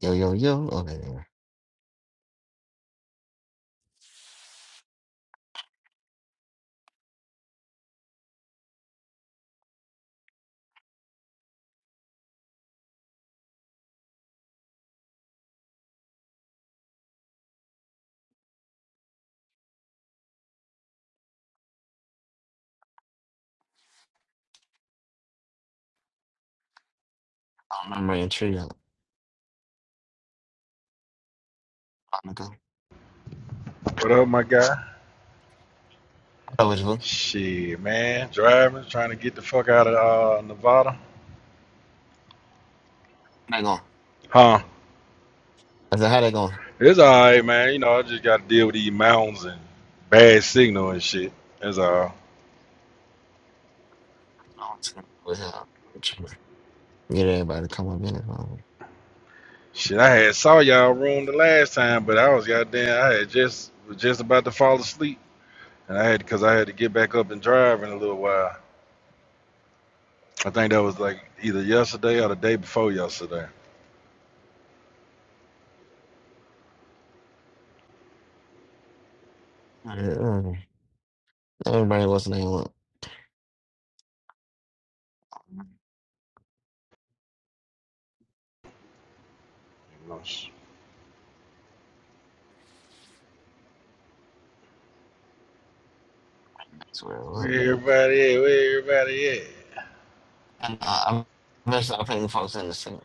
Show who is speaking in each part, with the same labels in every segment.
Speaker 1: Yo, yo, yo. Okay, yeah. I don't remember your trio. I'm going go.
Speaker 2: What up, my guy?
Speaker 1: I which one.
Speaker 2: Shit, man. Driving, trying to get the fuck out of uh, Nevada.
Speaker 1: How they going?
Speaker 2: Huh?
Speaker 1: I said, how they going?
Speaker 2: It's all right, man. You know, I just got to deal with these mountains and bad signal and shit. That's all.
Speaker 1: I want to know what's up. Trio. Get everybody to come up in it.
Speaker 2: Shit, I had saw y'all room the last time, but I was goddamn. I had just was just about to fall asleep, and I had because I had to get back up and drive in a little while. I think that was like either yesterday or the day before yesterday.
Speaker 1: um, uh, Everybody, what's the name? What?
Speaker 2: You know, sh-
Speaker 1: I swear.
Speaker 2: Where
Speaker 1: What?
Speaker 2: everybody at? Where everybody at?
Speaker 1: And uh, I'm gonna putting folks in the same.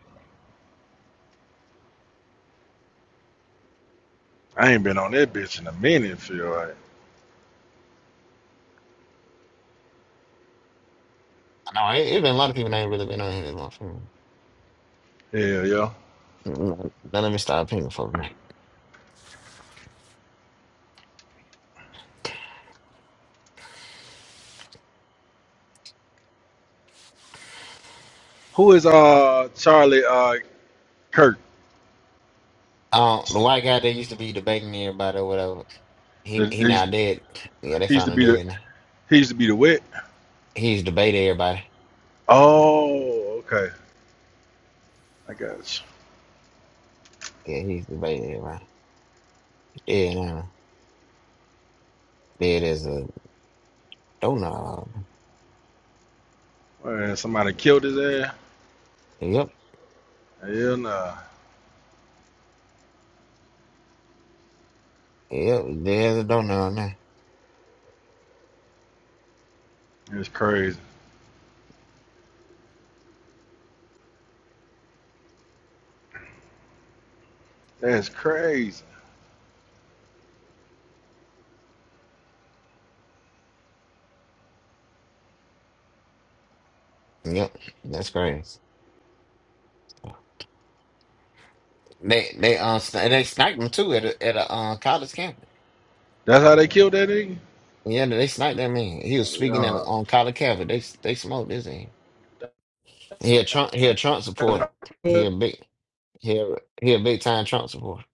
Speaker 2: I ain't been on that bitch in a minute. Feel like.
Speaker 1: I know it, it been a lot of people that ain't really been on here that much. Mm,
Speaker 2: Hell yeah.
Speaker 1: mm, Now let me start pinging folks. Man.
Speaker 2: Who is uh Charlie uh Kirk?
Speaker 1: Um, the white guy that used to be debating everybody or whatever, he
Speaker 2: The-
Speaker 1: he
Speaker 2: He's
Speaker 1: now dead. Yeah, they
Speaker 2: he used
Speaker 1: found
Speaker 2: to
Speaker 1: him
Speaker 2: be the
Speaker 1: dead. now.
Speaker 2: he used to be the wit.
Speaker 1: He used everybody.
Speaker 2: Oh, okay. I got
Speaker 1: Yeah, he's debating everybody. Yeah, now. There it is a donut.
Speaker 2: you. Man, somebody killed his ass.
Speaker 1: Yep,
Speaker 2: Hell nah.
Speaker 1: yep. There's a donut on there.
Speaker 2: That's crazy. That's crazy.
Speaker 1: Yep, that's crazy. They they uh, sni- they sniped him too at a, at a uh, college campus.
Speaker 2: That's how they killed that nigga?
Speaker 1: Yeah, they sniped that man. He was speaking at a,
Speaker 2: Oh,
Speaker 1: on college campus. They they smoked his in. He a Trump he a Trump supporter.
Speaker 2: yeah.
Speaker 1: He a big he a, he a big time Trump supporter.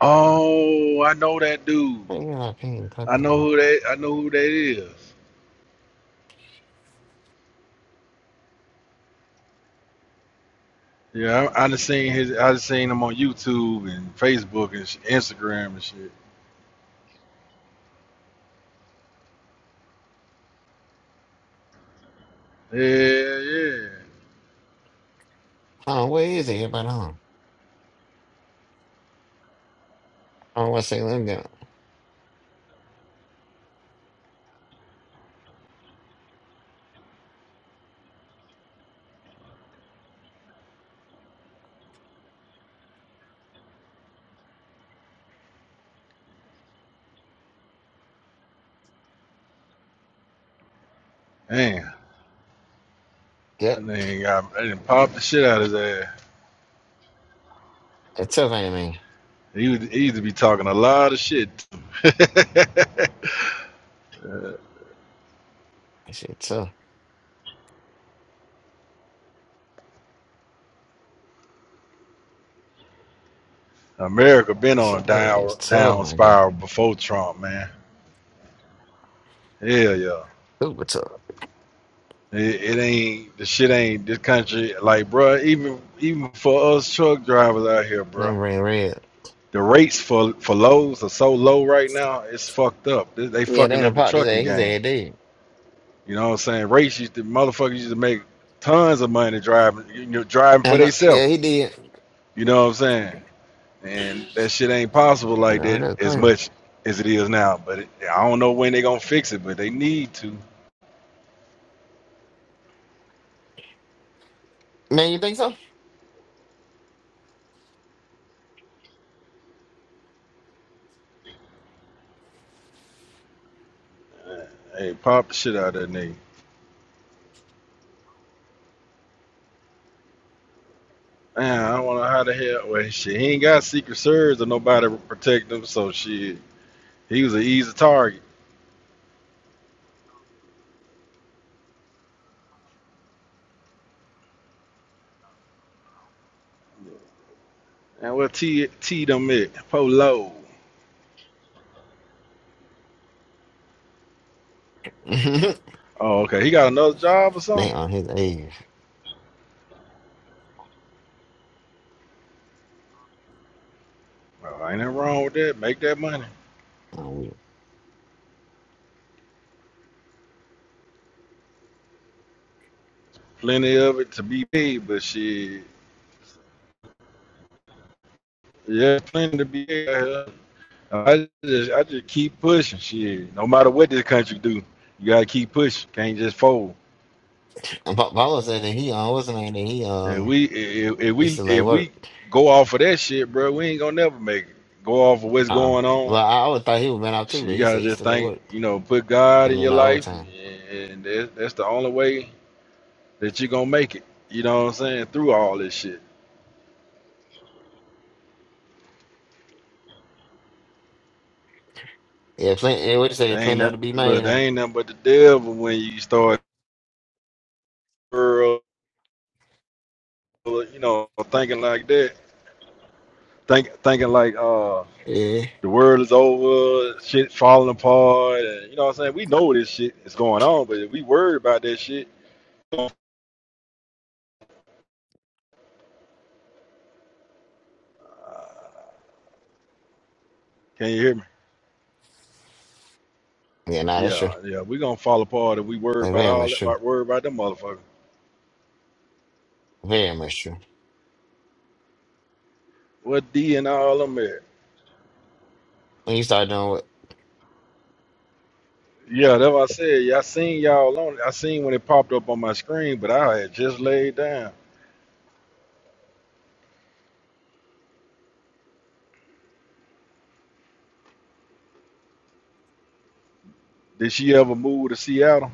Speaker 2: Oh, I know that dude.
Speaker 1: I think I ping
Speaker 2: I
Speaker 1: cooking.
Speaker 2: know
Speaker 1: Hold
Speaker 2: who that I know who that is. Yeah, I, I just seen his I just seen him on YouTube and Facebook and sh- Instagram and shit. Yeah, yeah.
Speaker 1: on, where is everybody on? I don't want to say let me go.
Speaker 2: Man. That
Speaker 1: Yep,
Speaker 2: nigga got that didn't pop the shit out of his ass.
Speaker 1: it's tough, ain't it, man?
Speaker 2: He, was, he used to be talking a lot of shit.
Speaker 1: That shit tough.
Speaker 2: America been
Speaker 1: That
Speaker 2: on
Speaker 1: shit
Speaker 2: a
Speaker 1: that is
Speaker 2: down
Speaker 1: tough,
Speaker 2: down
Speaker 1: my guy.
Speaker 2: spiral before Trump, man. Hell yeah.
Speaker 1: Super tough.
Speaker 2: It, it ain't the shit ain't this country like bro. even even for us truck drivers out here,
Speaker 1: Let
Speaker 2: bro,
Speaker 1: me bring Red.
Speaker 2: The rates for for loads are so low right now, it's fucked up. They, they
Speaker 1: Yeah, they
Speaker 2: fucking
Speaker 1: done
Speaker 2: up the
Speaker 1: popped his
Speaker 2: trucking
Speaker 1: ass. His
Speaker 2: game.
Speaker 1: ass dead.
Speaker 2: You know what I'm saying? Rates used to motherfuckers used to make tons of money driving, you know, driving
Speaker 1: I
Speaker 2: for
Speaker 1: know,
Speaker 2: theyself.
Speaker 1: yeah, he did.
Speaker 2: You know what I'm saying? And that shit ain't possible
Speaker 1: I
Speaker 2: like
Speaker 1: know,
Speaker 2: that
Speaker 1: that's
Speaker 2: as
Speaker 1: crazy.
Speaker 2: much as it is now. But it, I don't know when they gonna fix it, but they need to.
Speaker 1: Man, you think so?
Speaker 2: Hey, pop the shit out of that nigga. Man, I don't know how the hell. Well, shit, he ain't got secret serves or nobody to protect him, so shit, he was an easy target. And what T T them it? Polo. Oh, okay. He got another job or something.
Speaker 1: they on his age.
Speaker 2: Well, ain't nothing wrong with that. Make that money.
Speaker 1: Oh, weird.
Speaker 2: Plenty of it to be paid, but shit, yeah, plenty to be paid. I just I just keep pushing. Shit, no matter what this country do, you gotta keep pushing. Can't just fold.
Speaker 1: And Pa- Paulo said that he, uh, what's the name, that he, uh,
Speaker 2: And we if, if
Speaker 1: he
Speaker 2: we
Speaker 1: still at
Speaker 2: if
Speaker 1: work.
Speaker 2: we go off of that shit, bro, we ain't gonna never make it. Go off of what's
Speaker 1: Uh-uh.
Speaker 2: going
Speaker 1: Well,
Speaker 2: on.
Speaker 1: I always thought he was been out too,
Speaker 2: Shit,
Speaker 1: but
Speaker 2: you
Speaker 1: he said
Speaker 2: gotta
Speaker 1: he
Speaker 2: just
Speaker 1: still at
Speaker 2: think.
Speaker 1: work.
Speaker 2: You know, put God
Speaker 1: And
Speaker 2: in
Speaker 1: then
Speaker 2: your
Speaker 1: the
Speaker 2: life,
Speaker 1: overtime.
Speaker 2: and, and that's, that's the only way that you gonna make it. You know what I'm saying? Through all this shit,
Speaker 1: Yeah, plenty, yeah, what you
Speaker 2: they
Speaker 1: say,
Speaker 2: ain't
Speaker 1: plenty of
Speaker 2: that,
Speaker 1: to be
Speaker 2: look.
Speaker 1: made,
Speaker 2: They
Speaker 1: ain't
Speaker 2: ain't nothing but the devil when you start, you know, thinking like that. Think thinking like uh.
Speaker 1: it. Yeah.
Speaker 2: the world is over, shit falling apart, and you know what I'm saying? We know this shit is going on, but if we worried about that shit, uh, can you hear me?
Speaker 1: Yeah, nah, that's true.
Speaker 2: Yeah, yeah, we gonna fall apart if we worry
Speaker 1: That's
Speaker 2: about
Speaker 1: very
Speaker 2: all
Speaker 1: much
Speaker 2: that,
Speaker 1: true.
Speaker 2: about worry about them motherfuckers.
Speaker 1: Very much true.
Speaker 2: What D and all them at?
Speaker 1: When you start doing what?
Speaker 2: Yeah, that's what I said. Yeah, I seen y'all on. it. I seen when it popped up on my screen, but I had just laid down. Did she ever move to Seattle?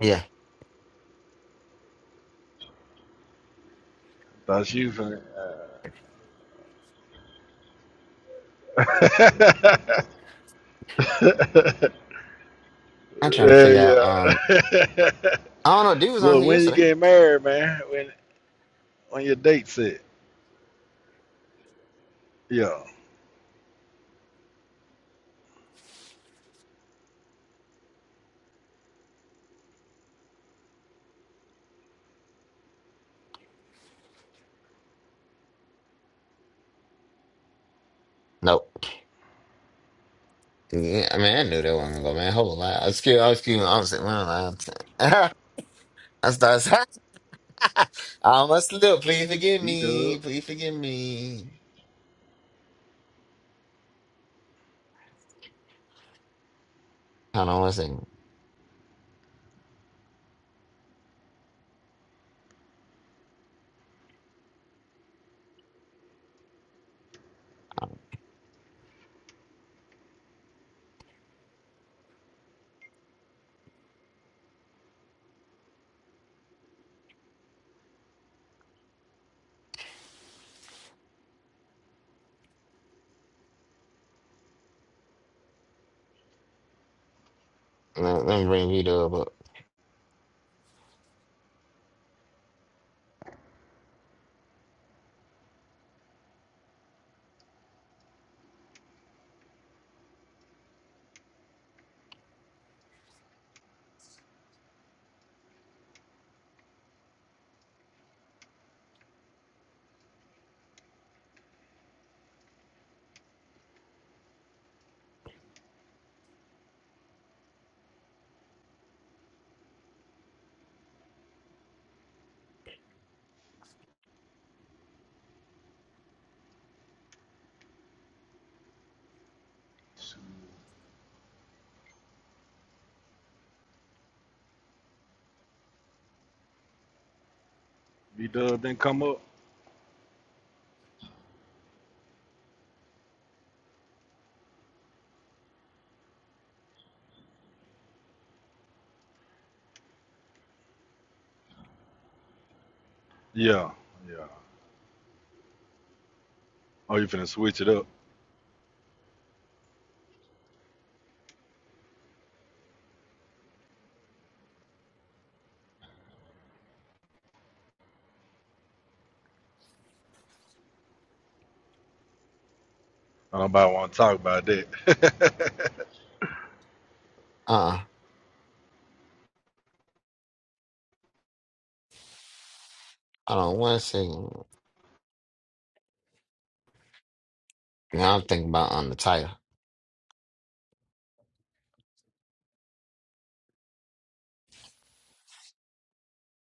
Speaker 1: Yeah.
Speaker 2: Thought she was. finna-
Speaker 1: I'm trying to figure out, um,
Speaker 2: yeah, yeah.
Speaker 1: I don't know, dude was on
Speaker 2: Look,
Speaker 1: here
Speaker 2: when you
Speaker 1: yesterday.
Speaker 2: get married, man, when when your date set, yeah,
Speaker 1: Nope. Yeah, I mean, I knew that wasn't go, man. Hold on, I excuse, I excuse me. I'm sitting around. I start. I almost slipped. Please forgive
Speaker 2: B Dub,
Speaker 1: me. Please forgive me. Hold on one second. Let, let me bring you to But
Speaker 2: B Dub didn't come up, yeah, yeah. Oh, you finna switch it up? I don't about want to talk about that.
Speaker 1: uh, hold on one second. Now I'm thinking about on the title.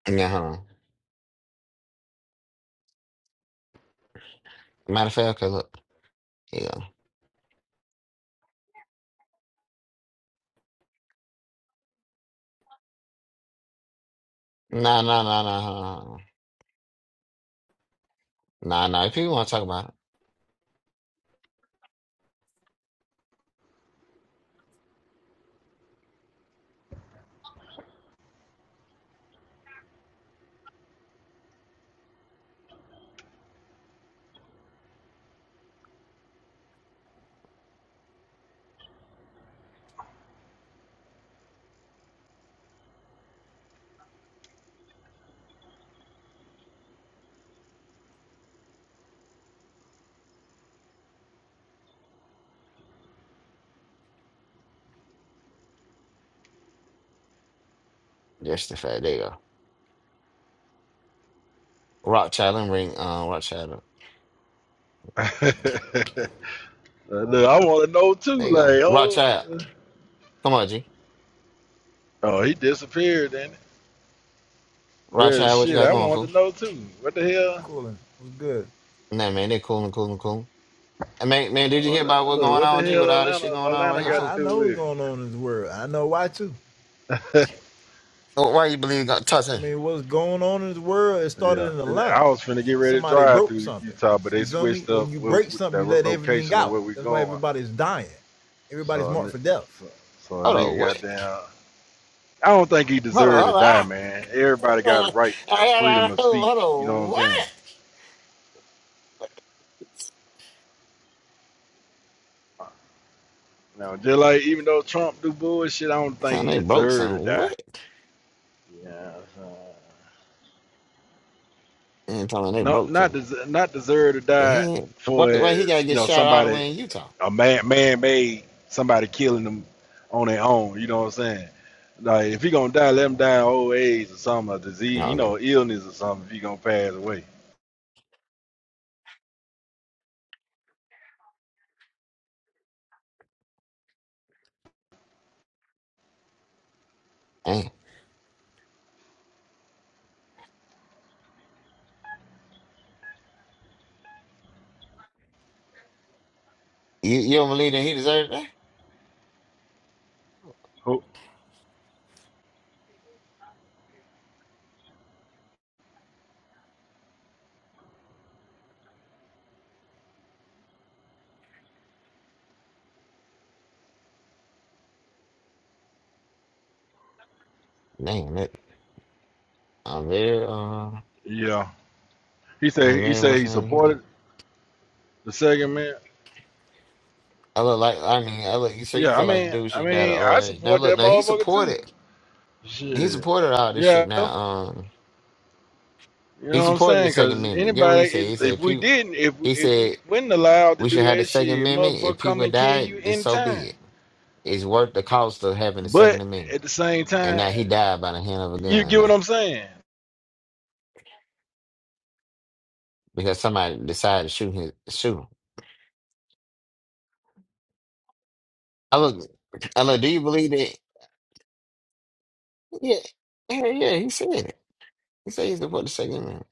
Speaker 1: Yeah, hold on. Matter of fact, okay, look. Here you go. Nah, nah, nah, nah, hold on, hold on. nah, nah. If people want to talk about it, just the fact. There you go. Rothschild and ring. Uh, Rothschild. up.
Speaker 2: Look, I want to know
Speaker 1: There
Speaker 2: too.
Speaker 1: you go.
Speaker 2: Like, oh,
Speaker 1: Rothschild.
Speaker 2: uh,
Speaker 1: Come on, G.
Speaker 2: oh, he disappeared. Then there's
Speaker 1: Rothschild, what you
Speaker 2: shit
Speaker 1: got
Speaker 2: I
Speaker 1: going,
Speaker 2: want
Speaker 1: fool?
Speaker 2: to know too. What the hell?
Speaker 3: Coolin, What's good?
Speaker 1: Nah, man, they cool and cool and cool. And man, man, did you
Speaker 2: What
Speaker 1: hear
Speaker 2: the,
Speaker 1: about what's
Speaker 2: look,
Speaker 1: going
Speaker 2: what the
Speaker 1: on, G, with
Speaker 2: hell
Speaker 1: all this shit
Speaker 2: Atlanta?
Speaker 1: going on right
Speaker 2: Atlanta
Speaker 1: here,
Speaker 2: got to
Speaker 3: I,
Speaker 1: fool?
Speaker 3: I
Speaker 2: do
Speaker 3: know what's
Speaker 2: with?
Speaker 3: going on in this world. I know why too.
Speaker 1: Oh, Why you believe God? Talk
Speaker 3: I
Speaker 1: to
Speaker 3: mean, what's going on in this world? It started
Speaker 2: Yeah,
Speaker 3: in
Speaker 2: and I
Speaker 3: Atlanta.
Speaker 2: was finna get ready to
Speaker 3: Somebody
Speaker 2: drive
Speaker 3: broke
Speaker 2: through
Speaker 3: something.
Speaker 2: Utah, but they
Speaker 3: You feel me?
Speaker 2: switched
Speaker 3: When
Speaker 2: up
Speaker 3: you
Speaker 2: where,
Speaker 3: break
Speaker 2: with
Speaker 3: something,
Speaker 2: the
Speaker 3: you let everything
Speaker 2: location of where
Speaker 3: out.
Speaker 2: we
Speaker 3: That's why
Speaker 2: going.
Speaker 3: everybody's dying. Everybody's
Speaker 2: So, a
Speaker 3: marked
Speaker 2: ni-
Speaker 3: for death.
Speaker 2: so, so a
Speaker 1: Hold on,
Speaker 2: nigga got
Speaker 1: what?
Speaker 2: down. I don't think he
Speaker 1: Hold on,
Speaker 2: deserved to
Speaker 1: hold on,
Speaker 2: die,
Speaker 1: ah,
Speaker 2: man. Everybody got
Speaker 1: hold
Speaker 2: a
Speaker 1: on,
Speaker 2: right
Speaker 1: Ah,
Speaker 2: of
Speaker 1: yeah, yeah, yeah,
Speaker 2: freedom of
Speaker 1: hold on, hold
Speaker 2: speech. You know
Speaker 1: on,
Speaker 2: what I'm saying?
Speaker 1: what?
Speaker 2: Now, just like even though Trump do bullshit, I don't think
Speaker 1: Time
Speaker 2: he
Speaker 1: they broke
Speaker 2: deserved
Speaker 1: something.
Speaker 2: to die.
Speaker 1: what?
Speaker 2: Yeah. you know what I'm saying?
Speaker 1: And telling they
Speaker 2: not
Speaker 1: broke
Speaker 2: not
Speaker 1: something.
Speaker 2: des- not deserve to
Speaker 1: The
Speaker 2: die
Speaker 1: hand- Why,
Speaker 2: for
Speaker 1: why he gotta
Speaker 2: as you
Speaker 1: get
Speaker 2: know
Speaker 1: shot all the
Speaker 2: somebody
Speaker 1: way in Utah?
Speaker 2: a man man made somebody killing them on their own. You know what I'm saying? Like if he gonna die, let him die of old age or something, a disease,
Speaker 1: No,
Speaker 2: you
Speaker 1: okay.
Speaker 2: know, illness or something. If he gonna pass away,
Speaker 1: Damn. You, you don't believe that he deserved that?
Speaker 2: Who-
Speaker 1: Damn, it. I'm very, uh,
Speaker 2: yeah. He
Speaker 1: I'm
Speaker 2: said he
Speaker 1: very,
Speaker 2: said
Speaker 1: what's
Speaker 2: he
Speaker 1: the name here?
Speaker 2: supported the second man.
Speaker 1: I look like, I mean, I look, so you
Speaker 2: Yeah, I
Speaker 1: feel like the
Speaker 2: mean,
Speaker 1: dude should
Speaker 2: I
Speaker 1: have died of
Speaker 2: mean,
Speaker 1: old
Speaker 2: I
Speaker 1: age. Now
Speaker 2: support
Speaker 1: look,
Speaker 2: that
Speaker 1: now he
Speaker 2: motherfucker too.
Speaker 1: supported. he
Speaker 2: Shit.
Speaker 1: supported all this shit
Speaker 2: Yeah,
Speaker 1: now. Um,
Speaker 2: You
Speaker 1: he
Speaker 2: know what I'm
Speaker 1: supported the
Speaker 2: saying?
Speaker 1: Second
Speaker 2: Cause
Speaker 1: Amendment. Get what he
Speaker 2: anybody,
Speaker 1: said? He
Speaker 2: if
Speaker 1: said
Speaker 2: we
Speaker 1: people.
Speaker 2: didn't, if
Speaker 1: He
Speaker 2: if we
Speaker 1: said
Speaker 2: wasn't allowed to
Speaker 1: we should
Speaker 2: do
Speaker 1: have the
Speaker 2: that
Speaker 1: Second
Speaker 2: shit,
Speaker 1: Amendment. If
Speaker 2: motherfucker, come
Speaker 1: people
Speaker 2: and kill
Speaker 1: died,
Speaker 2: you
Speaker 1: then so
Speaker 2: anytime.
Speaker 1: be it. It's worth the cost of having the
Speaker 2: But
Speaker 1: Second Amendment.
Speaker 2: at the same
Speaker 1: And
Speaker 2: time,
Speaker 1: now he died by the hand of a
Speaker 2: you
Speaker 1: gun
Speaker 2: get
Speaker 1: now
Speaker 2: what I'm saying?
Speaker 1: because somebody decided to shoot his shoot him. I look, I look. Do you believe that? Yeah, yeah, yeah. He said it. He said he supported the Second Amendment.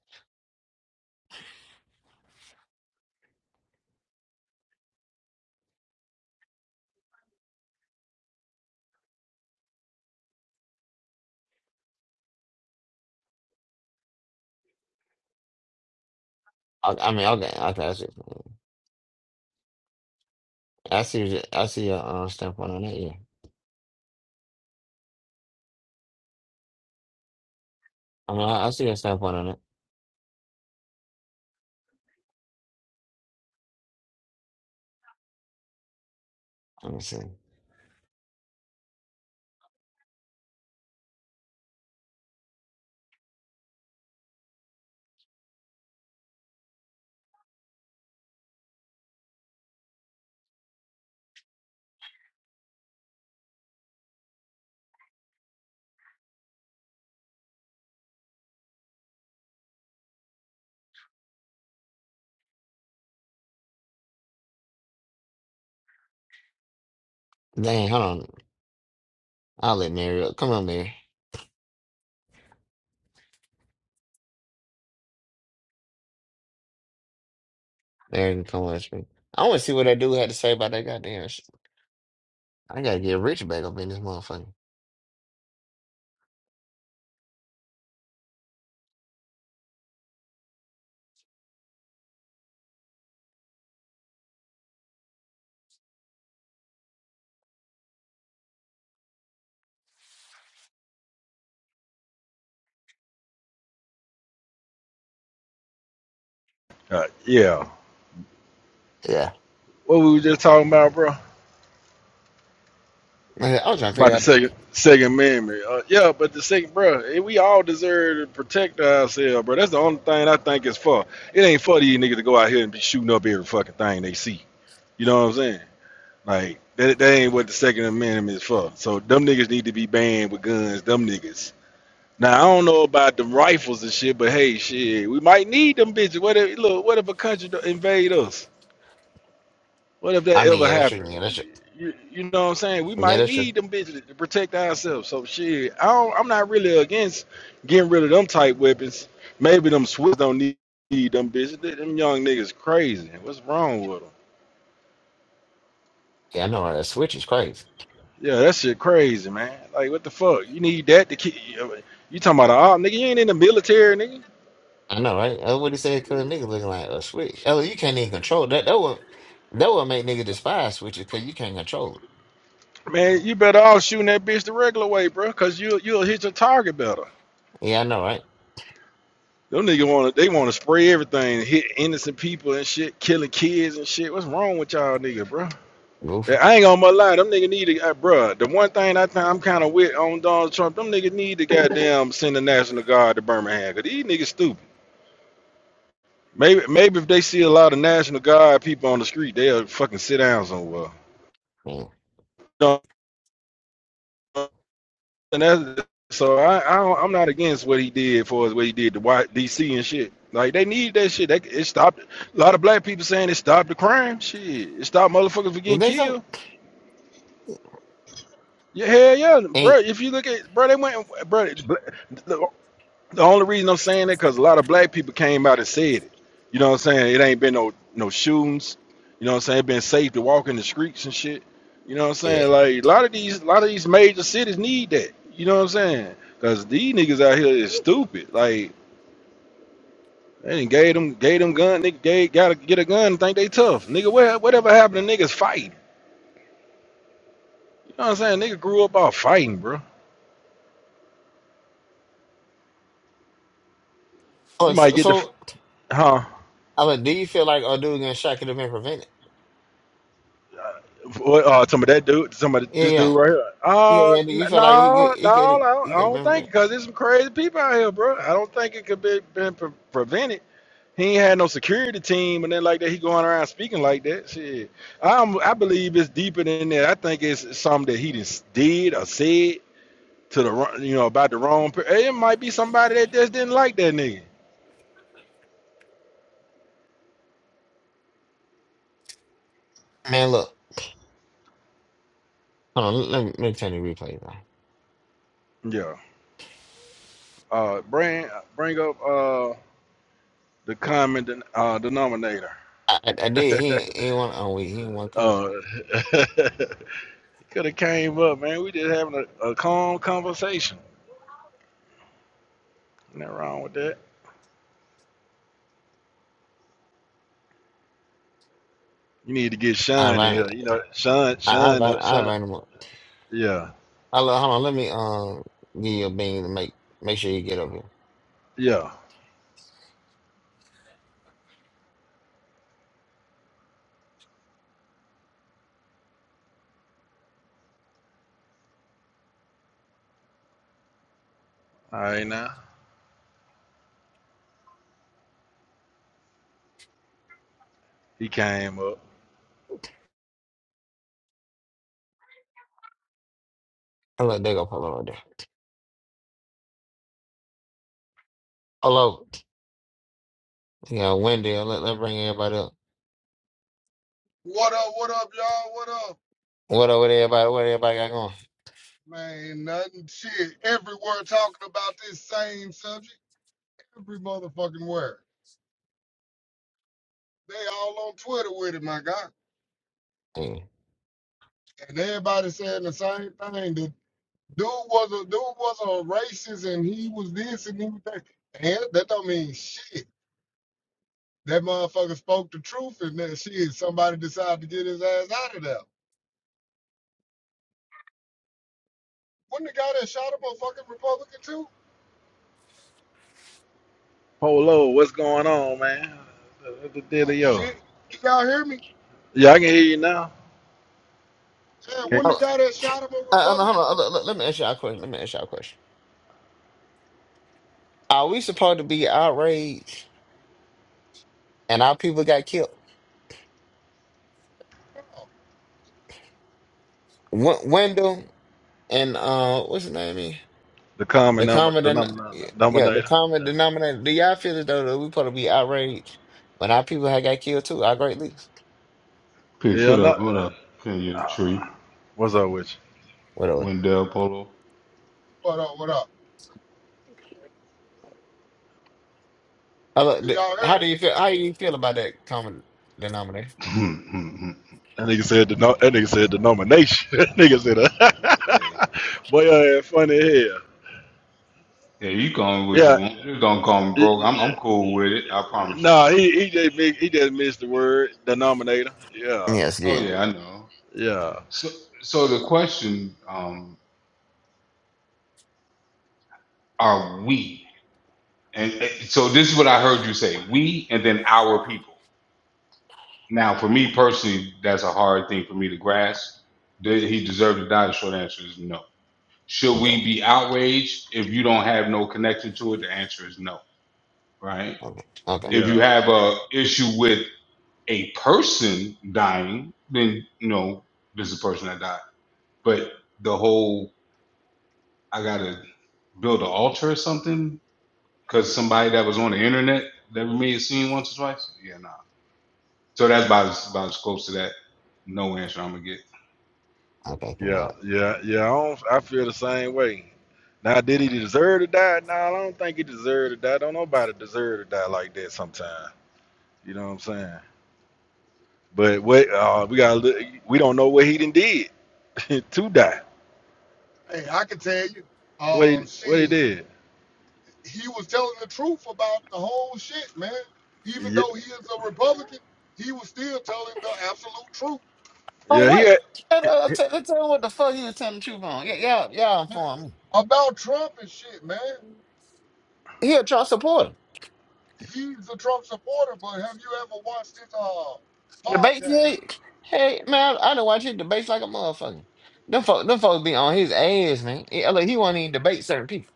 Speaker 1: I, I mean, okay, okay. I see. I see. I see your uh, standpoint on that. Yeah. I mean, I, I see your standpoint on it. Let me see. Dang, hold on. I'll let Mary up. Come on, Mary. Mary can come watch me. I want to see what that dude had to say about that goddamn shit. I gotta get rich back up in this motherfucker.
Speaker 2: Uh, yeah.
Speaker 1: Yeah.
Speaker 2: What we were just talking about, bro?
Speaker 1: I I was trying to
Speaker 2: About
Speaker 1: figure
Speaker 2: the
Speaker 1: out.
Speaker 2: second Second Amendment. Uh, yeah, but the second, bro, eh, we all deserve to protect ourselves, bro. That's the only thing I think is for. It ain't for these niggas to go out here and be shooting up every fucking thing they see. You know what I'm saying? Like that, that ain't what the Second Amendment is for. So them niggas need to be banned with guns. Them niggas. Now I don't know about them rifles and shit, but hey, shit, we might need them bitches. What if look? What if a country do- invade us? What if
Speaker 1: I
Speaker 2: that
Speaker 1: mean,
Speaker 2: ever
Speaker 1: yeah, that's true.
Speaker 2: happened?
Speaker 1: Yeah, that's true.
Speaker 2: You, you know what I'm saying? We
Speaker 1: Yeah,
Speaker 2: might
Speaker 1: that's true.
Speaker 2: need them bitches to protect ourselves. So shit, I don't, I'm not really against getting rid of them type weapons. Maybe them Swiss don't need, need them bitches. Them young niggas crazy. What's wrong with them?
Speaker 1: Yeah, I know. Right? That switch is crazy.
Speaker 2: Yeah, that shit crazy, man. Like, what the fuck? You need that to keep you talking about all nigga? You ain't in the military, nigga.
Speaker 1: I know, right? That's what he said, because niggas looking like a switch. Oh, you can't even control that. That would, that would make niggas despise switches because you can't control
Speaker 2: Man, you better off shooting that bitch the regular way, bro, cause you you'll hit your target better.
Speaker 1: it. Yeah, I know, right?
Speaker 2: Them nigga want to they want to spray everything, hit innocent people and shit, killing kids and shit. What's wrong with y'all, nigga, bro? Yeah,
Speaker 1: Goofy.
Speaker 2: I ain't gonna mu- lie, them nigga need to, uh, bro. The one thing I think I'm kind of with on Donald Trump, them niggas need to goddamn send the National Guard to Birmingham, cause these niggas stupid. Maybe maybe if they see a lot of National Guard people on the street, they'll fucking sit down somewhere.
Speaker 1: Yeah.
Speaker 2: You know, and that's, so I, I don't, I'm not against what he did for us, what he did to White DC and shit. Like they need that shit. That it stopped a lot of black people saying it stopped the crime. Shit, it stopped motherfuckers from
Speaker 1: You
Speaker 2: getting
Speaker 1: think so?
Speaker 2: killed. Yeah, hell yeah, bro.
Speaker 1: Ain't,
Speaker 2: If you look at bro, they went bro. The The only reason I'm saying that because a lot of black people came out and said it. You know what I'm saying? It ain't been no no shootings. You know what I'm saying? It been safe to walk in the streets and shit. You know what I'm
Speaker 1: yeah.
Speaker 2: saying? Like a lot of these a lot of these major cities need that. You know what I'm saying? Cause these niggas out here is stupid. Like they done gave them gave them gun. Nigga gave, gotta get a gun and think they tough. Nigga, where, whatever happened to niggas fighting? You know what I'm saying? Nigga grew up off fighting, bro.
Speaker 1: Oh,
Speaker 2: You might
Speaker 1: so,
Speaker 2: get the
Speaker 1: so
Speaker 2: huh?
Speaker 1: I like, do you feel like a dude getting shot could have been prevented?
Speaker 2: uh, some of that dude, some of
Speaker 1: Yeah,
Speaker 2: this
Speaker 1: yeah.
Speaker 2: dude right here.
Speaker 1: Yeah,
Speaker 2: Uh,
Speaker 1: yeah. Do
Speaker 2: n-
Speaker 1: You feel like he get
Speaker 2: no,
Speaker 1: he get
Speaker 2: no,
Speaker 1: a,
Speaker 2: no,
Speaker 1: he
Speaker 2: I
Speaker 1: get a
Speaker 2: don't
Speaker 1: better
Speaker 2: think
Speaker 1: man.
Speaker 2: because there's some crazy people out here, bro. I don't think it could be been pre- prevented. He ain't had no security team and then like that. He going around speaking like that. Shit, I'm, I believe it's deeper than that. I think it's something that he just did or said to the wrong, you know, about the wrong. Per- hey, it might be somebody that just didn't like that nigga.
Speaker 1: look, hold on. Let me, let me turn the replay down.
Speaker 2: Yeah. Uh, bring bring up uh the common den- uh denominator.
Speaker 1: I, I, I did. He ain't- he ain't want oh wait, he ain't want to come up.
Speaker 2: Oh, could have came up, man. We just having a, a calm conversation. Nothing wrong with that. You need to get
Speaker 1: I
Speaker 2: Sean in here.
Speaker 1: invited
Speaker 2: You know, Sean,
Speaker 1: I, I
Speaker 2: Sean,
Speaker 1: invited
Speaker 2: uh,
Speaker 1: I
Speaker 2: Sean.
Speaker 1: invited him up.
Speaker 2: Yeah,
Speaker 1: I look, hold on. Let me um give you a bean to make make sure you get up here.
Speaker 2: yeah. All right, now he came up.
Speaker 1: I look, they go Polo right there. Hello, yeah, Wendy. oh, Let let bring everybody up.
Speaker 4: What up, what up, y'all? What up?
Speaker 1: What over there? everybody? What everybody got going?
Speaker 4: Man, ain't nothing. Shit. Everywhere talking about this same subject. Every motherfucking word. They all on Twitter with it, my God.
Speaker 1: Hey.
Speaker 4: And everybody saying the same thing. The dude was a dude was a racist and he was this and he was that. And that don't mean shit. That motherfucker spoke the truth and that shit. Somebody decided to get his ass out of there. Wouldn't the guy that shot him a fucking Republican too?
Speaker 2: Polo, what's going on, man? What the
Speaker 4: Oh
Speaker 2: deal, yo?
Speaker 4: shit. Y'all hear me?
Speaker 2: Yeah, I can hear you now.
Speaker 4: Yeah,
Speaker 2: Okay.
Speaker 4: wouldn't
Speaker 1: Hold
Speaker 4: the guy that
Speaker 1: on.
Speaker 4: shot him a
Speaker 1: Uh, hold on,
Speaker 4: Republican?
Speaker 1: hold on. Let, let- let me ask y'all a question. Let me ask y'all a question. Are we supposed to be outraged and our people got killed?
Speaker 4: What
Speaker 1: W- Wendell and uh, what's his name? Again?
Speaker 2: The common
Speaker 1: The
Speaker 2: number,
Speaker 1: common,
Speaker 2: the
Speaker 1: den-
Speaker 2: number,
Speaker 1: yeah, the
Speaker 2: nominator.
Speaker 1: common
Speaker 2: Yeah,
Speaker 1: denominator. Do y'all feel as though that we supposed to be outraged when our people had got killed too? Our great leaders.
Speaker 5: Peace.
Speaker 2: yeah.
Speaker 5: What
Speaker 2: Not,
Speaker 5: up? What up?
Speaker 2: uh,
Speaker 5: Kenya Tree,
Speaker 2: uh, what's up with you?
Speaker 1: What are we?
Speaker 5: Wendell Polo.
Speaker 4: up? What up?
Speaker 1: Hello,
Speaker 4: Did
Speaker 1: th-
Speaker 4: y'all
Speaker 1: How
Speaker 4: heard
Speaker 1: do you feel? How do you feel about that common denominator?
Speaker 5: hey,
Speaker 2: That nigga said the no, that nigga said the nomination. that nigga said, a, "Boy, you ain't funny here."
Speaker 5: yeah, you call me what you
Speaker 2: Yeah,
Speaker 5: want. Just don't call me broke. I'm I'm
Speaker 2: it-
Speaker 5: cool with it. I promise you.
Speaker 2: nah, he he just mi- he just missed the word denominator. Yeah,
Speaker 1: Yes,
Speaker 5: Oh
Speaker 1: yeah.
Speaker 5: yeah, I know.
Speaker 2: yeah,
Speaker 5: So so the question, um, are we? And, and so this is what I heard you say: we, and then our people. Now, for me personally, that's a hard thing for me to grasp. Did he deserve to die? The short answer is no. Should
Speaker 1: Okay,
Speaker 5: we be outraged if you don't have no connection to it? The answer is no, right?
Speaker 1: okay, okay,
Speaker 5: If
Speaker 2: yeah,
Speaker 5: you have a issue with a person dying, then you know this is a person that died. But the whole I gotta build an altar or something because somebody that was on the internet that we may have seen once or twice. Yeah, nah. So that's about as, about as close to that no answer I'm gonna give.
Speaker 1: okay. Come on.
Speaker 2: yeah, yeah, yeah. I, don't, I feel the same way. Now, did he deserve to die? Nah, I don't think he deserved to die. Don't nobody deserve to die like that. Sometimes, you know what I'm saying. But what uh, we got? to We don't know what he done did to die.
Speaker 4: him? Hey, I can tell you.
Speaker 2: What he
Speaker 4: Um,
Speaker 2: what he
Speaker 4: shit,
Speaker 2: did.
Speaker 4: he was telling the truth about the whole shit, man. Even
Speaker 2: Yeah.
Speaker 4: though he is a Republican, he was still telling the absolute truth
Speaker 1: On
Speaker 2: Yeah, he
Speaker 1: what? Tell,
Speaker 2: had,
Speaker 1: uh, tell, tell him what the fuck he was telling the truth on. Yeah, yeah, yeah.
Speaker 4: man,
Speaker 1: Inform me.
Speaker 4: about Trump and shit, man.
Speaker 1: He a Trump supporter.
Speaker 4: He's a Trump supporter, but have you ever watched his uh
Speaker 1: Debate
Speaker 4: podcast?
Speaker 1: yet? Hey man, I don't watch it debates like a motherfucker. Them folks, them folks be on his ass, man. Yeah, look, he won't even debate certain people.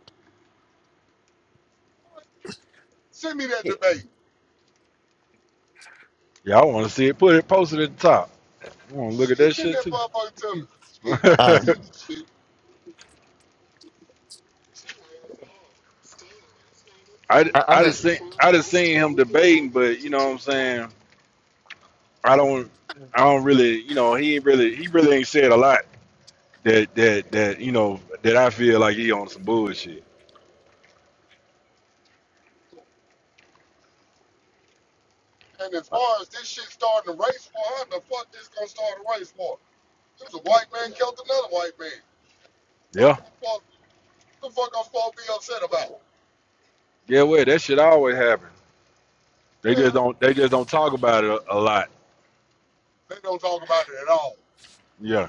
Speaker 4: Send me that
Speaker 1: Yeah.
Speaker 4: debate.
Speaker 2: y'all want to see it. Put it posted at the top. I want to look at
Speaker 4: Shit,
Speaker 2: that
Speaker 4: send
Speaker 2: shit
Speaker 4: that
Speaker 2: too.
Speaker 4: motherfucker to me. Shit, I want to
Speaker 1: Uh,
Speaker 4: see this shit.
Speaker 2: I,
Speaker 1: I, I've
Speaker 2: I
Speaker 1: been,
Speaker 2: just seen I just seen him debating, but you know what I'm saying. I don't I don't really you know he ain't really he really ain't said a lot that that that you know that I feel like he on some bullshit.
Speaker 4: And as
Speaker 2: Like,
Speaker 4: far as this shit starting a race war, how the fuck this gonna start a race war? It was a white man killed another white man. What
Speaker 2: yeah,
Speaker 4: the fuck I'm supposed- the fuck I'm supposed to be upset about?
Speaker 2: yeah, well that shit always happens. They
Speaker 4: Yeah,
Speaker 2: just don't they just don't talk about it a, a lot.
Speaker 4: they don't talk about it at all.
Speaker 2: Yeah,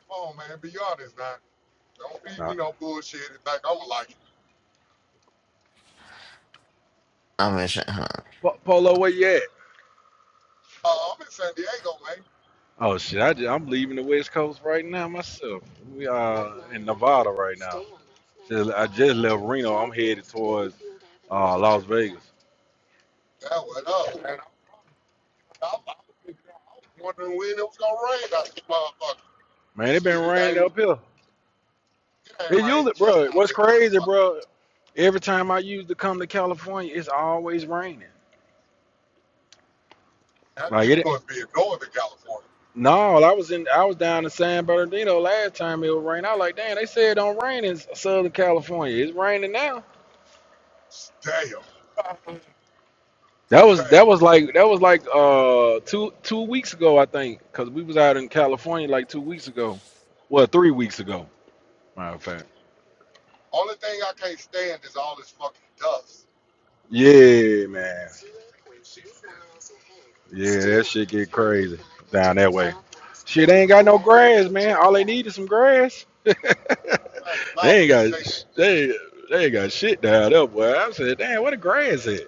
Speaker 4: Come on, man, be honest now. Don't feed
Speaker 2: nah.
Speaker 4: me no bullshit and think I'm like,
Speaker 1: I'm in shit. Huh.
Speaker 2: Po- Polo, where you at?
Speaker 4: oh, I'm in San Diego, man.
Speaker 2: Oh shit! I ju- I'm leaving the West Coast right now myself. We are in Nevada right now. Just, I just left Reno. I'm headed towards uh, Las Vegas.
Speaker 4: That was up, man. I'm was I was wondering when it was gonna rain out this motherfucker.
Speaker 2: Man, it been
Speaker 4: Shit, it
Speaker 2: raining
Speaker 4: ain't
Speaker 2: up here.
Speaker 4: it ain't
Speaker 2: It
Speaker 4: rained
Speaker 2: usually,
Speaker 4: shit
Speaker 2: bro.
Speaker 4: out
Speaker 2: What's
Speaker 4: this
Speaker 2: crazy,
Speaker 4: motherfucker.
Speaker 2: bro? Every time I used to come to California, it's always raining.
Speaker 4: How did you
Speaker 2: Like it.
Speaker 4: must be in Northern California.
Speaker 2: No, I was in. I was down in San Bernardino last time it was raining. I was like, damn. They said it don't rain in Southern California. It's raining now.
Speaker 4: Damn,
Speaker 2: That was
Speaker 4: damn.
Speaker 2: that was like that was like uh two two weeks ago I think because we was out in California like two weeks ago, well three weeks ago matter of fact.
Speaker 4: Only thing I can't stand is all this fucking dust.
Speaker 2: Yeah, man.
Speaker 4: that shit. man.
Speaker 2: Yeah, that shit get crazy down that way. Shit ain't got no grass, man. All they need is some grass.
Speaker 4: Man, mouth
Speaker 2: they ain't
Speaker 4: be tasting
Speaker 2: got they they ain't got shit down there, boy. I said, damn, where the grass at?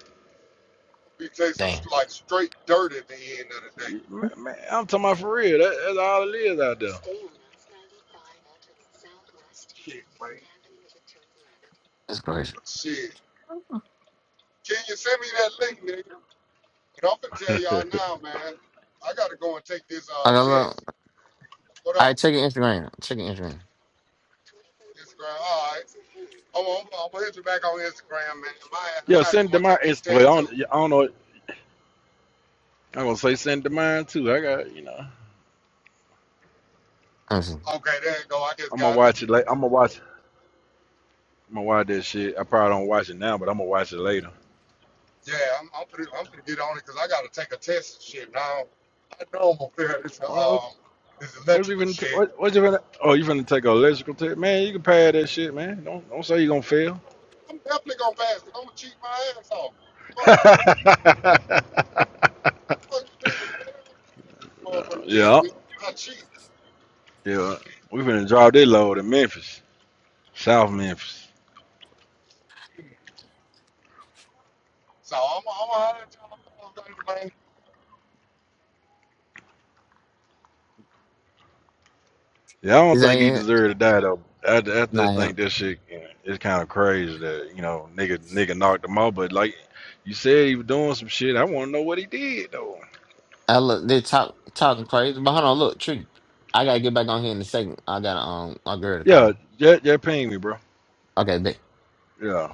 Speaker 4: be tasting
Speaker 1: Damn,
Speaker 4: like straight dirt at the end of the day.
Speaker 2: Man, man, I'm talking about for real. That, that's all it is out
Speaker 4: Shit, man.
Speaker 1: that's crazy.
Speaker 4: Shit. Can you send me that link, nigga? But I'm gonna tell
Speaker 2: there.
Speaker 4: y'all now, man. I gotta go and take this uh
Speaker 1: Like, I got
Speaker 4: test.
Speaker 1: look.
Speaker 4: What
Speaker 1: I
Speaker 4: up?
Speaker 1: check your Instagram. Check your Instagram.
Speaker 4: Instagram. All right. I'm, I'm, I'm gonna hit you back on Instagram, man. My ass, I
Speaker 2: yeah,
Speaker 4: gotta
Speaker 2: send it
Speaker 4: go
Speaker 2: to
Speaker 4: and
Speaker 2: mine.
Speaker 4: take this
Speaker 2: It's well,
Speaker 4: test
Speaker 2: I
Speaker 4: too.
Speaker 2: don't, yeah, I don't know. I'm gonna say send it to mine too. I got you know.
Speaker 1: Let me see.
Speaker 4: Okay, there you go. I just
Speaker 2: I'm gonna
Speaker 4: got it.
Speaker 2: watch it. Like I'm gonna watch. I'm gonna watch that shit. I probably don't watch it now, but I'm gonna watch it later.
Speaker 4: Yeah, I'm I'm pretty I'm gonna get on it because I gotta take a test and shit now. I know I'm gonna fail this
Speaker 2: What, what,
Speaker 4: um this
Speaker 2: what's
Speaker 4: electrical
Speaker 2: even?
Speaker 4: shit.
Speaker 2: what, what's even? Oh, you finna take an electrical test, man? You can pad that shit, man. Don't don't say you gonna fail.
Speaker 4: I'm definitely gonna pass it. I'm gonna cheat my ass off. Fuck you, fuck you, man. man. I already play with the motherfucking test.
Speaker 2: yeah,
Speaker 4: bitch. I cheat.
Speaker 2: Yeah, we finna drop that load in Memphis, South Memphis.
Speaker 4: So I'm, I'm gonna holler at y'all fellas later, man.
Speaker 2: Yeah, I don't
Speaker 1: Is that
Speaker 2: think he
Speaker 1: it?
Speaker 2: deserved to die though. I, I just
Speaker 1: Nah, yeah.
Speaker 2: think that shit you know, it's kind of crazy that you know nigga nigga knocked him out. But like you said, he was doing some shit. I want to know what he did though.
Speaker 1: I look. They talk talking crazy, but hold on. Look, tree. I gotta get back on here in a second. I got um a girl to
Speaker 2: Yeah,
Speaker 1: call.
Speaker 2: that that pinged me, bro.
Speaker 1: Okay, bet.
Speaker 2: Yeah.